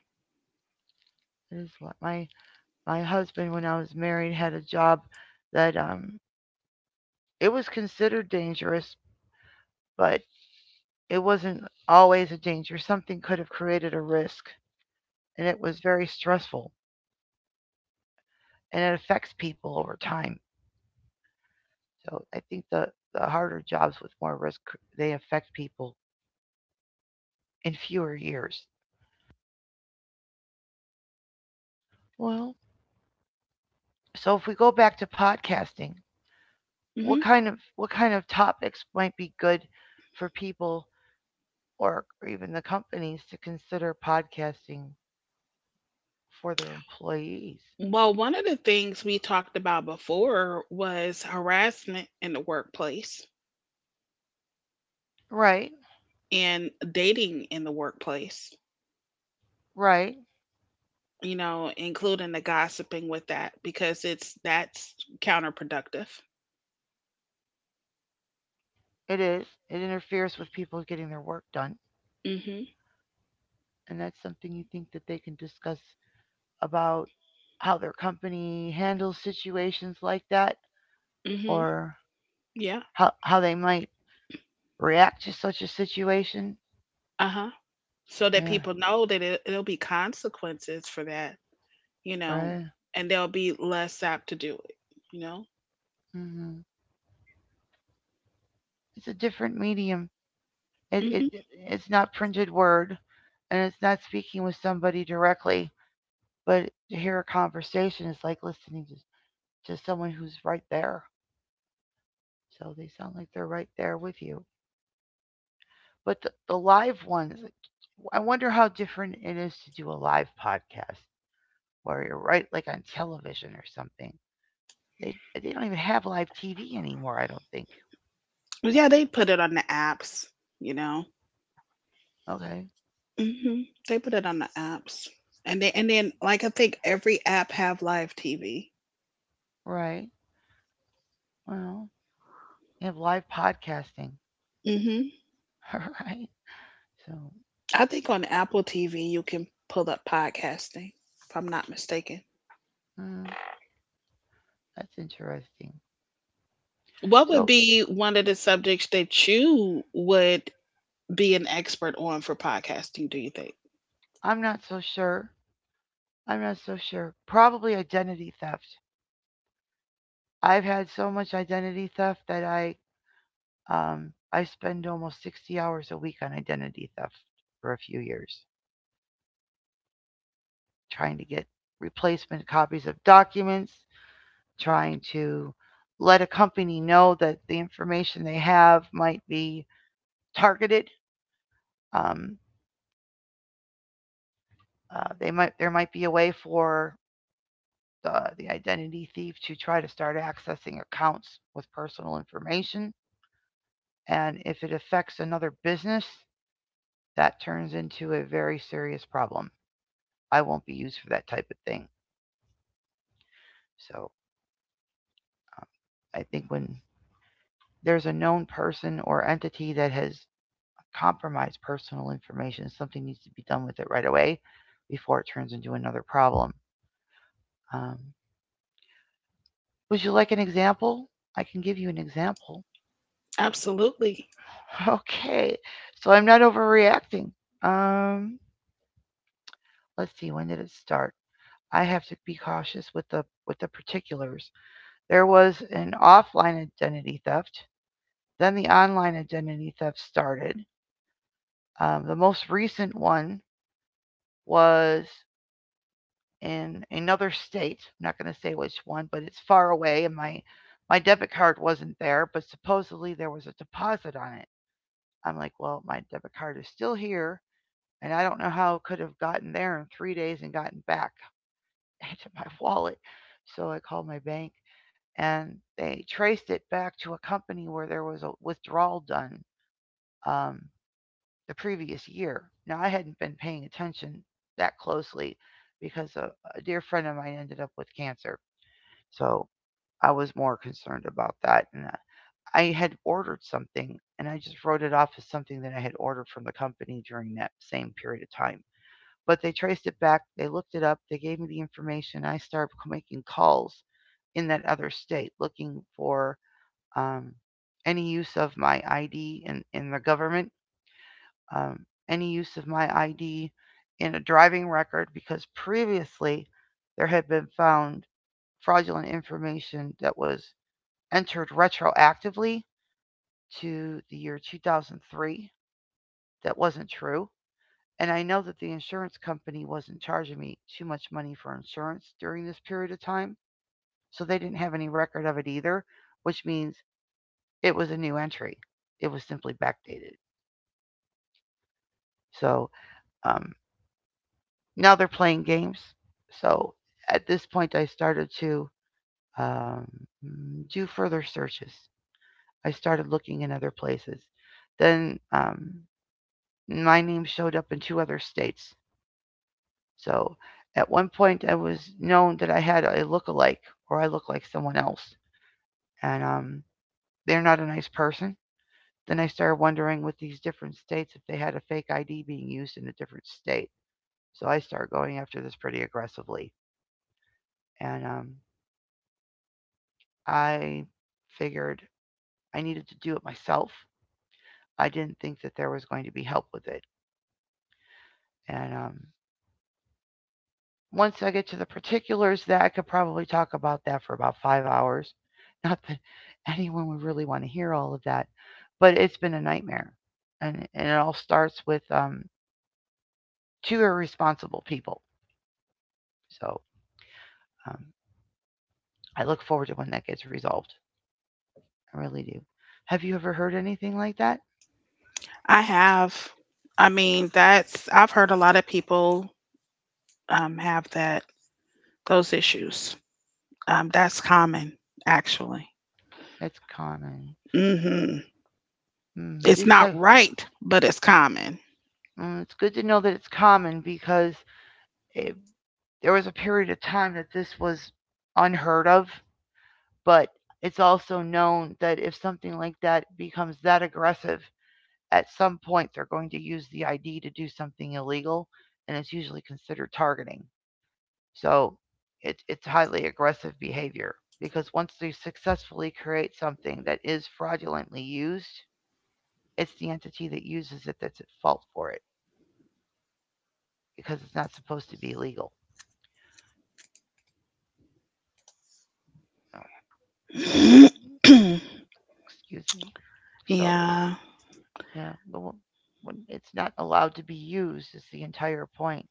S1: It is a lot. My my husband, when I was married, had a job that um it was considered dangerous, but it wasn't always a danger. Something could have created a risk, and it was very stressful, and it affects people over time. So I think the, the harder jobs with more risk, they affect people in fewer years. Well, so if we go back to podcasting, what
S2: Hmm.
S1: kind of what kind of topics might be good for people, or, or even the companies to consider podcasting for their employees?
S2: Well, one of the things we talked about before was harassment in the workplace
S1: Right,
S2: and dating in the workplace,
S1: right.
S2: you know, including the gossiping with that because it's that's counterproductive.
S1: It is. It interferes with people getting their work done.
S2: Mhm.
S1: And that's something you think that they can discuss about how their company handles situations like that,
S2: Mhm.
S1: or
S2: Yeah.
S1: how, how they might react to such a situation.
S2: Uh-huh. So that
S1: Yeah,
S2: people know that it, it'll be consequences for that, you know,
S1: right.
S2: and they'll be less apt to do it, you know.
S1: Hmm. It's a different medium. it, it-
S2: Mhm.
S1: it's not printed word, and it's not speaking with somebody directly, but to hear a conversation is like listening to, to someone who's right there. So they sound like they're right there with you. But the, the live ones, I wonder how different it is to do a live podcast where you're right like on television or something. They they don't even have live T V anymore, I don't think.
S2: Yeah, they put it on the apps, you know.
S1: Okay.
S2: Mhm. They put it on the apps. And then and then like I think every app have live T V.
S1: Right. Well, you have live podcasting.
S2: Mhm.
S1: All right. So,
S2: I think on Apple T V you can pull up podcasting, if I'm not mistaken.
S1: mm, that's interesting.
S2: What would
S1: So,
S2: be one of the subjects that you would be an expert on for podcasting, do you think?
S1: I'm not so sure. I'm not so sure. Probably identity theft. I've had so much identity theft that I Um, I spend almost sixty hours a week on identity theft for a few years, trying to get replacement copies of documents, trying to let a company know that the information they have might be targeted. Um, uh, they might there might be a way for the, the identity thief to try to start accessing accounts with personal information, and if it affects another business, that turns into a very serious problem. I won't be used for that type of thing. So I think when there's a known person or entity that has compromised personal information, something needs to be done with it right away before it turns into another problem. Um, would you like an example? I can give you an example.
S2: Absolutely.
S1: Okay, so I'm not overreacting. Um, let's see, when did it start? I have to be cautious with the with the particulars. There was an offline identity theft. Then the online identity theft started. Um, the most recent one was in another state. I'm not going to say which one, but it's far away, and my my debit card wasn't there, but supposedly there was a deposit on it. I'm like, well, my debit card is still here, and I don't know how it could have gotten there in three days and gotten back into my wallet. So I called my bank, and they traced it back to a company where there was a withdrawal done. Um, the previous year. Now, I hadn't been paying attention that closely because a, a dear friend of mine ended up with cancer. So I was more concerned about that. And uh, I had ordered something, and I just wrote it off as something that I had ordered from the company during that same period of time. But they traced it back, they looked it up, they gave me the information. I started making calls in that other state looking for um, any use of my I D in, in the government um, any use of my I D in a driving record, because previously there had been found fraudulent information that was entered retroactively to the year two thousand three that wasn't true. And I know that the insurance company wasn't charging me too much money for insurance during this period of time, so they didn't have any record of it either, which means it was a new entry. It was simply backdated. So um, now they're playing games. So at this point, I started to um, mm, do further searches. I started looking in other places. Then um, my name showed up in two other states. So at one point, I was known that I had a look-alike, or I look like someone else, and um, they're not a nice person. Then I started wondering with these different states if they had a fake I D being used in a different state. So I started going after this pretty aggressively. And um, I figured I needed to do it myself. I didn't think that there was going to be help with it. And um, once I get to the particulars, that I could probably talk about that for about five hours. Not that anyone would really want to hear all of that, but it's been a nightmare. And, and it all starts with um, two irresponsible people. So um, I look forward to when that gets resolved. I really do. Have you ever heard anything like that?
S2: I have. I mean, that's I've heard a lot of people um, have that those issues. Um, that's common, actually.
S1: It's common.
S2: Hmm.
S1: Mm,
S2: It's
S1: this
S2: not
S1: type.
S2: right, but it's common.
S1: Uh, it's good to know that it's common because it, there was a period of time that this was unheard of, but it's also known that if something like that becomes that aggressive, at some point they're going to use the I D to do something illegal, and it's usually considered targeting. So it's it's highly aggressive behavior, because once they successfully create something that is fraudulently used, it's the entity that uses it that's at fault for it because it's not supposed to be illegal. So excuse me. So,
S2: Yeah.
S1: yeah, but wh- when it's not allowed to be used, is the entire point.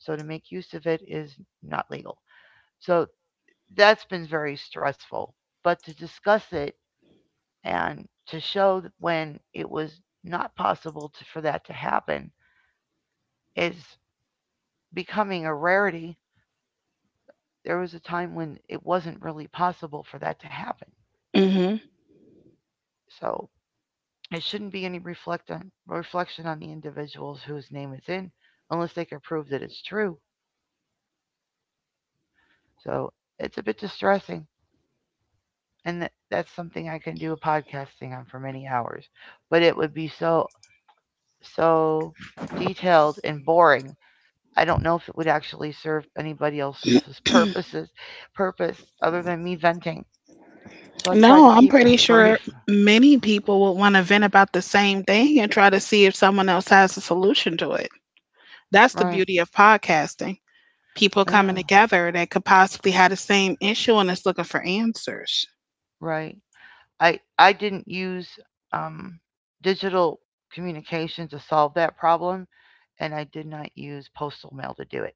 S1: So, to make use of it is not legal. So, that's been very stressful. But to discuss it and to show that when it was not possible to, for that to happen is becoming a rarity. There was a time when it wasn't really possible for that to happen.
S2: Hmm.
S1: So, it shouldn't be any reflect on, reflection on the individuals whose name it's in, unless they can prove that it's true. So it's a bit distressing. And that, that's something I can do a podcasting on for many hours. But it would be so, so detailed and boring. I don't know if it would actually serve anybody else's purposes, purpose other than me venting. So I've tried to
S2: No, I'm
S1: keep No. it
S2: pretty
S1: brief.
S2: sure many people will want to vent about the same thing and try to see if someone else has a solution to it. That's the
S1: Right.
S2: beauty of podcasting. People coming
S1: Yeah.
S2: together that could possibly have the same issue and is looking for answers.
S1: Right. I I didn't use um, digital communication to solve that problem, and I did not use postal mail to do it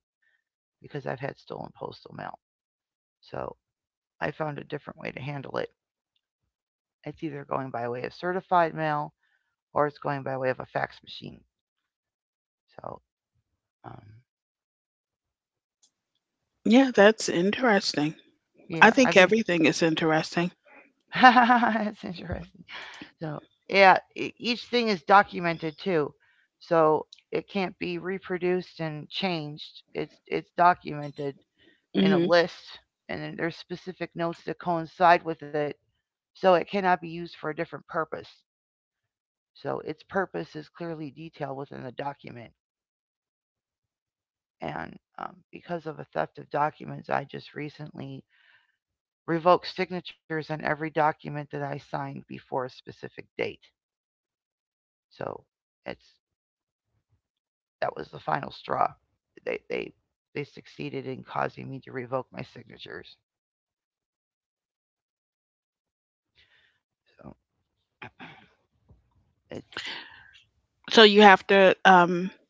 S1: because I've had stolen postal mail. So I found a different way to handle it. It's either going by way of certified mail or it's going by way of a fax machine. So um,
S2: Yeah, that's interesting. I
S1: yeah,
S2: think
S1: I've
S2: everything is interesting.
S1: that's interesting. So yeah, e- each thing is documented too, so it can't be reproduced and changed. It's it's documented in a
S2: Hmm.
S1: list, and then there's specific notes that coincide with it, so it cannot be used for a different purpose. So its purpose is clearly detailed within the document. And um, because of a theft of documents, I just recently revoked signatures on every document that I signed before a specific date. So it's That was the final straw. They they they succeeded in causing me to revoke my signatures. So it's
S2: So you have to um,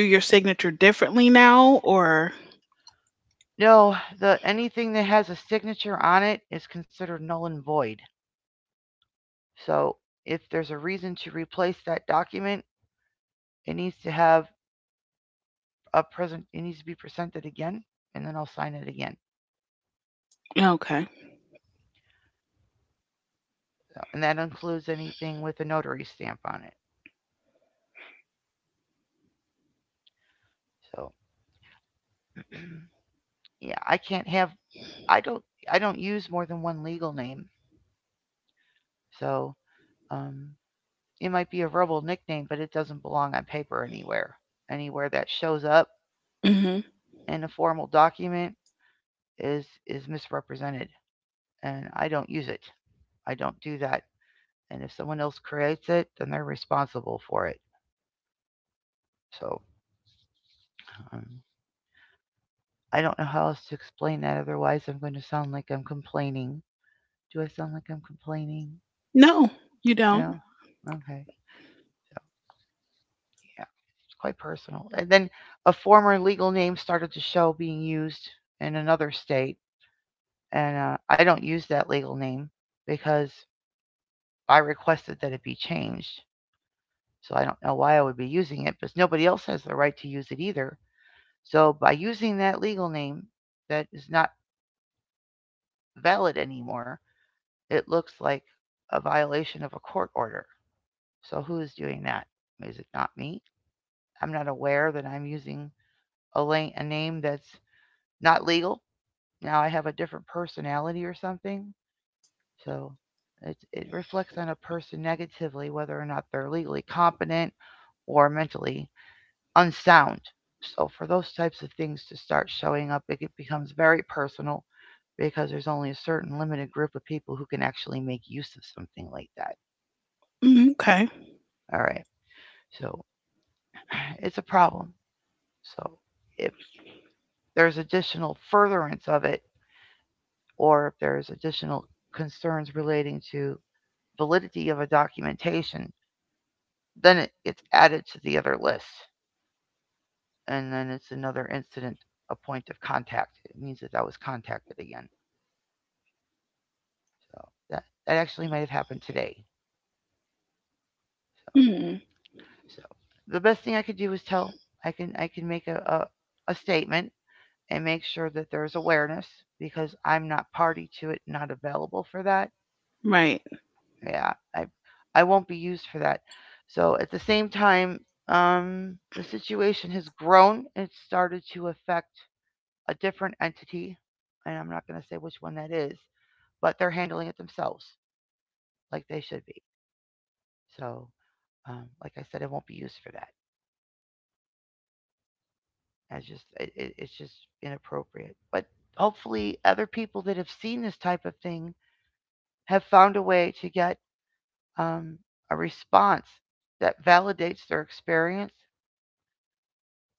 S2: do your signature differently now, or
S1: No, the anything that has a signature on it is considered null and void. So if there's a reason to replace that document, it needs to have a present. It needs to be presented again, and then I'll sign it again.
S2: okay?
S1: So, and that includes anything with a notary stamp on it. So yeah, I can't have. I don't. I don't use more than one legal name. So um, it might be a verbal nickname, but it doesn't belong on paper anywhere. Anywhere that shows up
S2: Hmm.
S1: in a formal document is is misrepresented and I don't use it. I don't do that. And if someone else creates it, then they're responsible for it. So um, I don't know how else to explain that. Otherwise, I'm going to sound like I'm complaining. Do I sound like I'm complaining?
S2: No, you
S1: No?
S2: don't.
S1: Okay. Yeah. It's quite personal. And then a former legal name started to show being used in another state. And uh, I don't use that legal name because I requested that it be changed. So I don't know why I would be using it, because nobody else has the right to use it either. So by using that legal name that is not valid anymore, it looks like a violation of a court order. So who is doing that? Is it not me? I'm not aware that I'm using a, la- a name that's not legal. Now I have a different personality or something. So it, it reflects on a person negatively, whether or not they're legally competent or mentally unsound. So for those types of things to start showing up, it becomes very personal because there's only a certain limited group of people who can actually make use of something like that.
S2: Mhm. Okay.
S1: All right. So it's a problem. So if there's additional furtherance of it or if there's additional concerns relating to validity of a documentation, then it gets added to the other list and then it's another incident a point of contact. It means that that was contacted again. So that that actually might have happened today. So
S2: Hmm.
S1: so the best thing I could do is tell I can I can make a, a, a statement and make sure that there's awareness because I'm not party to it, not available for that.
S2: Right.
S1: Yeah, I I won't be used for that. So at the same time, um, the situation has grown. It started to affect a different entity, and I'm not going to say which one that is, but they're handling it themselves like they should be. So, um, like I said, it won't be used for that. It's just it, it, it's just inappropriate. But hopefully, other people that have seen this type of thing have found a way to get um, a response that validates their experience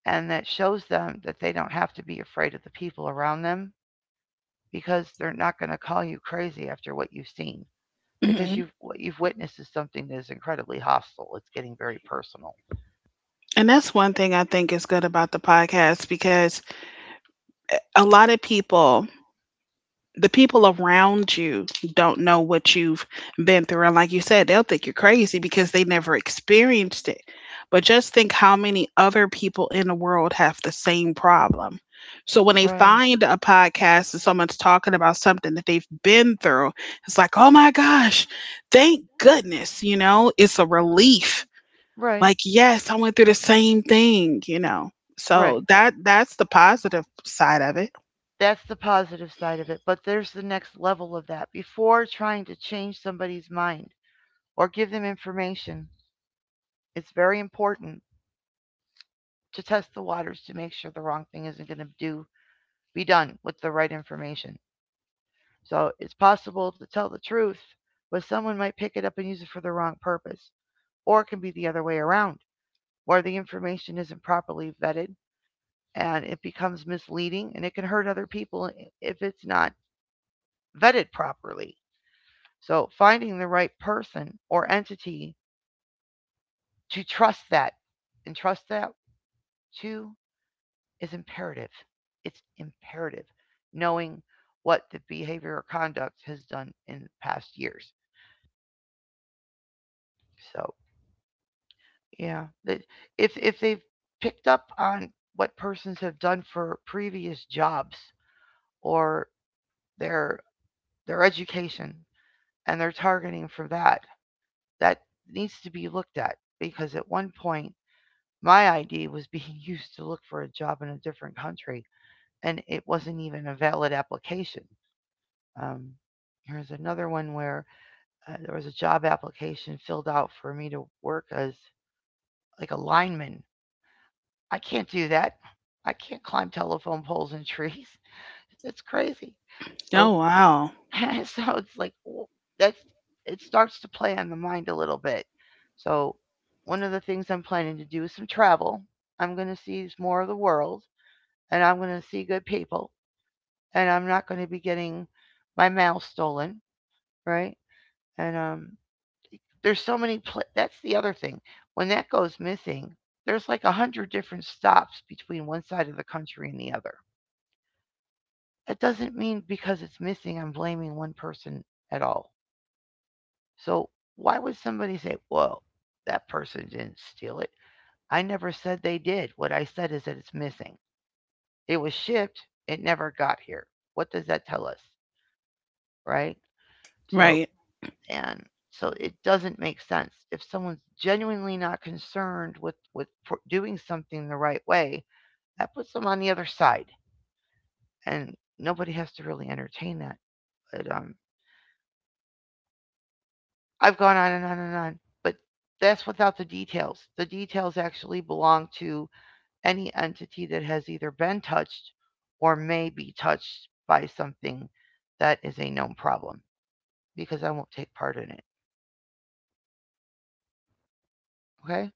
S1: and that shows them that they don't have to be afraid of the people around them because they're not going to call you crazy after what you've seen because
S2: Hmm.
S1: you've what you've witnessed is something that is incredibly hostile. It's getting very personal.
S2: And that's one thing I think is good about the podcast because a lot of people the people around you don't know what you've been through. And like you said, they'll think you're crazy because they never experienced it. But just think how many other people in the world have the same problem. So when they
S1: Right.
S2: find a podcast and someone's talking about something that they've been through, it's like, oh my gosh, thank goodness, you know, it's a relief.
S1: Right.
S2: Like, yes, I went through the same thing, you know. So
S1: Right.
S2: that that's the positive side of it.
S1: That's the positive side of it. But there's the next level of that. Before trying to change somebody's mind or give them information, it's very important to test the waters to make sure the wrong thing isn't going to do be done with the right information. So it's possible to tell the truth, but someone might pick it up and use it for the wrong purpose. Or it can be the other way around, where the information isn't properly vetted and it becomes misleading and it can hurt other people if it's not vetted properly. So finding the right person or entity to trust that and trust that to is imperative. It's imperative knowing what the behavior or conduct has done in past years. So yeah, that if if they've picked up on what persons have done for previous jobs or their their education and they're targeting for that, that needs to be looked at because at one point my I D was being used to look for a job in a different country, and it wasn't even a valid application. Um, there's another one where uh, there was a job application filled out for me to work as like a lineman. I can't do that. I can't climb telephone poles and trees. It's crazy. So,
S2: Oh wow.
S1: so it's like w- that's it starts to play on the mind a little bit. So, one of the things I'm planning to do is some travel. I'm going to see more of the world, and I'm going to see good people, and I'm not going to be getting my mail stolen, right? And um, there's so many. Pla- That's the other thing. When that goes missing, there's like a hundred different stops between one side of the country and the other. That doesn't mean because it's missing, I'm blaming one person at all. So why would somebody say, "Well, that person didn't steal it"? I never said they did. What I said is that it's missing. It was shipped. It never got here. What does that tell us, right? So
S2: Right.
S1: And so it doesn't make sense. If someone's genuinely not concerned with, with pro- doing something the right way, that puts them on the other side. And nobody has to really entertain that. But um, I've gone on and on and on. But that's without the details. The details actually belong to any entity that has either been touched or may be touched by something that is a known problem because I won't take part in it. Okay?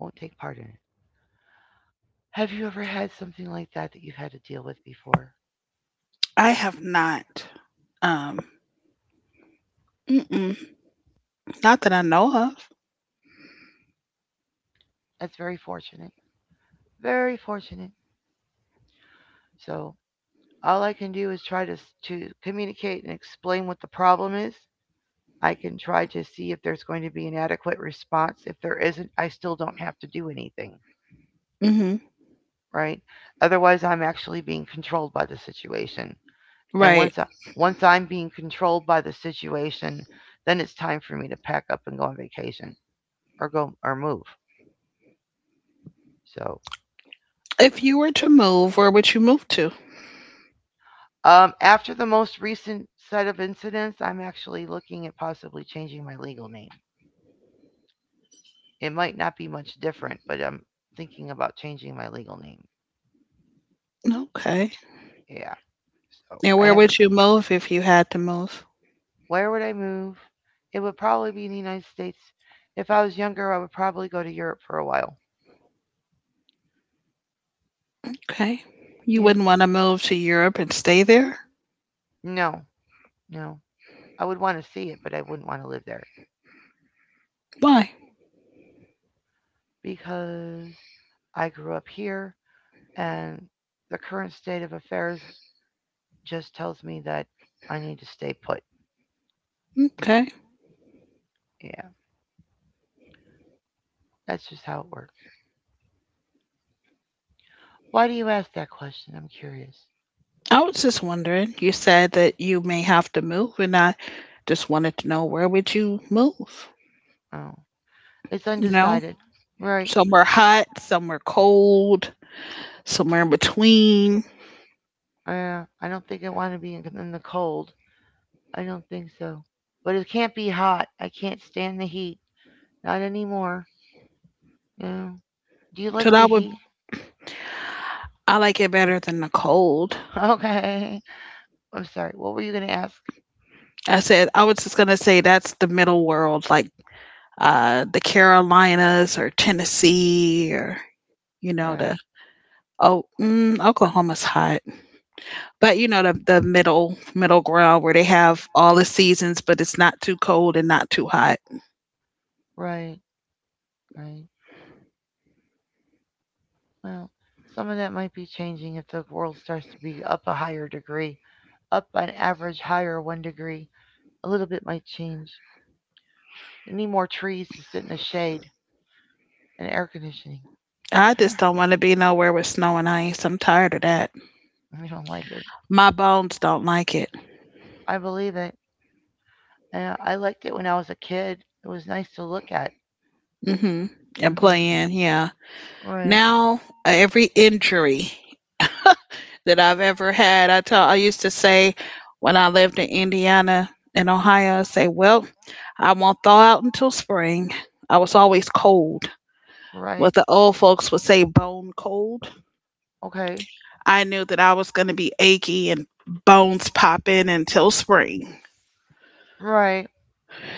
S1: Won't take part in it. Have you ever had something like that that you've had to deal with before?
S2: I have not. Um, mm-mm, not that I know
S1: That's very fortunate. Very fortunate. So, all I can do is try to to communicate and explain what the problem is. I can try to see if there's going to be an adequate response. If there isn't, I still don't have to do anything,
S2: of. Hmm.
S1: right? Otherwise, I'm actually being controlled by the situation. And
S2: Right.
S1: once I, once I'm being controlled by the situation, then it's time for me to pack up and go on vacation or go or move. So,
S2: If you were to move, where would you move to?
S1: um, after the most recent set of incidents, I'm actually looking at possibly changing my legal name. It might not be much different, but I'm thinking about changing my legal name. So,
S2: Okay.
S1: yeah. So,
S2: And
S1: I
S2: where
S1: had to.
S2: would you move if you had to move?
S1: Where would I move? It would probably be in the United States. If I was younger, I would probably go to Europe for a while.
S2: Okay. You
S1: Yeah.
S2: wouldn't want to move to Europe and stay there?
S1: No, no. I would want to see it, but I wouldn't want to live there
S2: Why?
S1: because I grew up here and the current state of affairs just tells me that I need to stay put.
S2: Okay.
S1: Yeah, that's just how it works. Why do you ask that question? I'm curious.
S2: I was just wondering. You said that you may have to move, and I just wanted to know where would you move?
S1: Oh, it's
S2: You know,
S1: undecided. Right.
S2: somewhere hot, somewhere cold, somewhere in between.
S1: Uh, I don't think I want to be in, in the cold. I don't think so. But it can't be hot. I can't stand the heat. Not anymore. No. Do you
S2: So
S1: like the
S2: that would
S1: heat?
S2: I like it better than the cold.
S1: Okay. I'm sorry. What were you going to ask?
S2: I said I was just gonna say that's the middle world, like uh the Carolinas or Tennessee or you know
S1: Right.
S2: the oh mm, Oklahoma's hot, but you know the the middle middle ground where they have all the seasons, but it's not too cold and not too hot.
S1: Right. Right. Well, some of that might be changing if the world starts to be up a higher degree. Up on average higher one degree. A little bit might change. You need more trees to sit in the shade and air conditioning.
S2: I just don't want to be nowhere with snow and ice. I'm tired of that.
S1: I don't like it.
S2: My bones don't like it.
S1: I believe it. Yeah, I liked it when I was a kid. It was nice to look at.
S2: Mhm. And
S1: Hmm.
S2: playing, yeah.
S1: Right.
S2: Now uh, every injury that I've ever had. I tell I used to say when I lived in Indiana and Ohio, I say, well, I won't thaw out until spring. I was always cold.
S1: Right.
S2: What the old folks would say bone cold.
S1: Okay.
S2: I knew that I was gonna be achy and bones popping until spring.
S1: Right.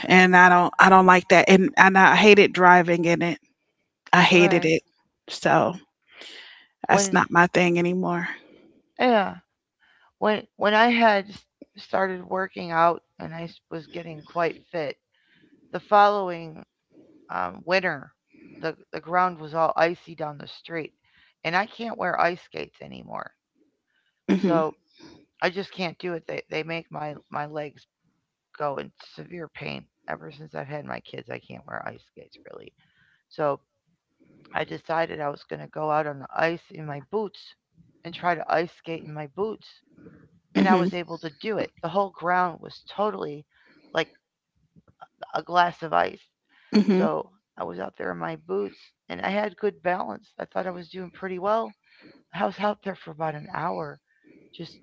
S2: And I don't I don't like that. And and I hated driving in it. I hated
S1: Right.
S2: it. So that's
S1: When
S2: not my thing anymore.
S1: yeah, when when I had started working out and I was getting quite fit, the following um, winter, the the ground was all icy down the street, and I can't wear ice skates anymore.
S2: Mhm.
S1: So I just can't do it. They they make my my legs go in severe pain. Ever since I've had my kids, I can't wear ice skates really. So I decided I was going to go out on the ice in my boots and try to ice skate in my boots, and I
S2: Mhm.
S1: was able to do it. The whole ground was totally like a glass of ice.
S2: Mhm.
S1: So I was out there in my boots and I had good balance. I thought I was doing pretty well. I was out there for about an hour just,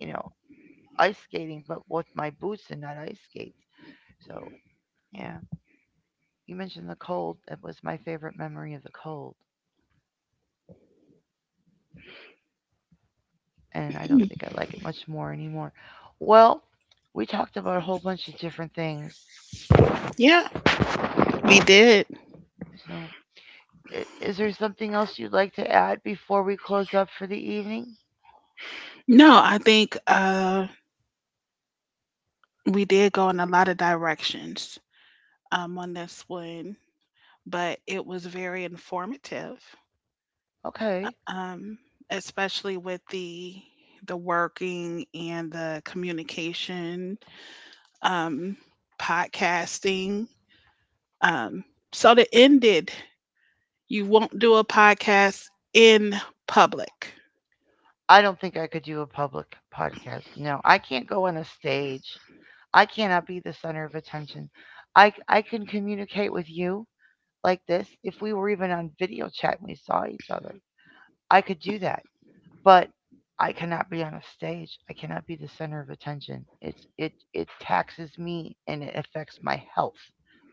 S1: you know, ice skating, but with my boots and not ice skates. So, yeah, you mentioned the cold. That was my favorite memory of the cold. And I don't
S2: Mm.
S1: think I like it much more anymore. Well, we talked about a whole bunch of different things.
S2: Yeah, we did.
S1: So, i- is there something else you'd like to add before we close up for the evening?
S2: No, I think uh we did go in a lot of directions um on this one, but it was very informative.
S1: Okay.
S2: Um especially with the the working and the communication, um podcasting, um so to end it, you won't do a podcast in public?
S1: I don't think I could do a public podcast. No, I can't go on a stage. I cannot be the center of attention. I, c- I can communicate with you like this. If we were even on video chat and we saw each other, I could do that. But I cannot be on a stage. I cannot be the center of attention. It's it it taxes me and it affects my health.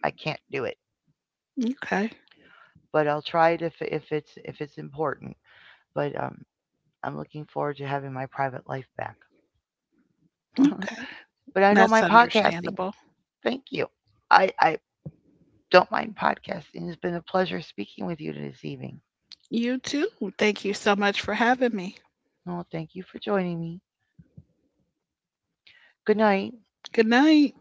S1: I can't do it.
S2: Okay.
S1: But I'll try it if if it's if it's important. But um, I'm looking forward to having my private life back.
S2: Okay,
S1: But I don't
S2: that's
S1: mind podcasting.
S2: understandable.
S1: Thank you. I, I don't mind podcasting. It's been a pleasure speaking with you this evening.
S2: You too. Thank you so much for having me.
S1: Oh, thank you for joining me. Good night.
S2: Good night.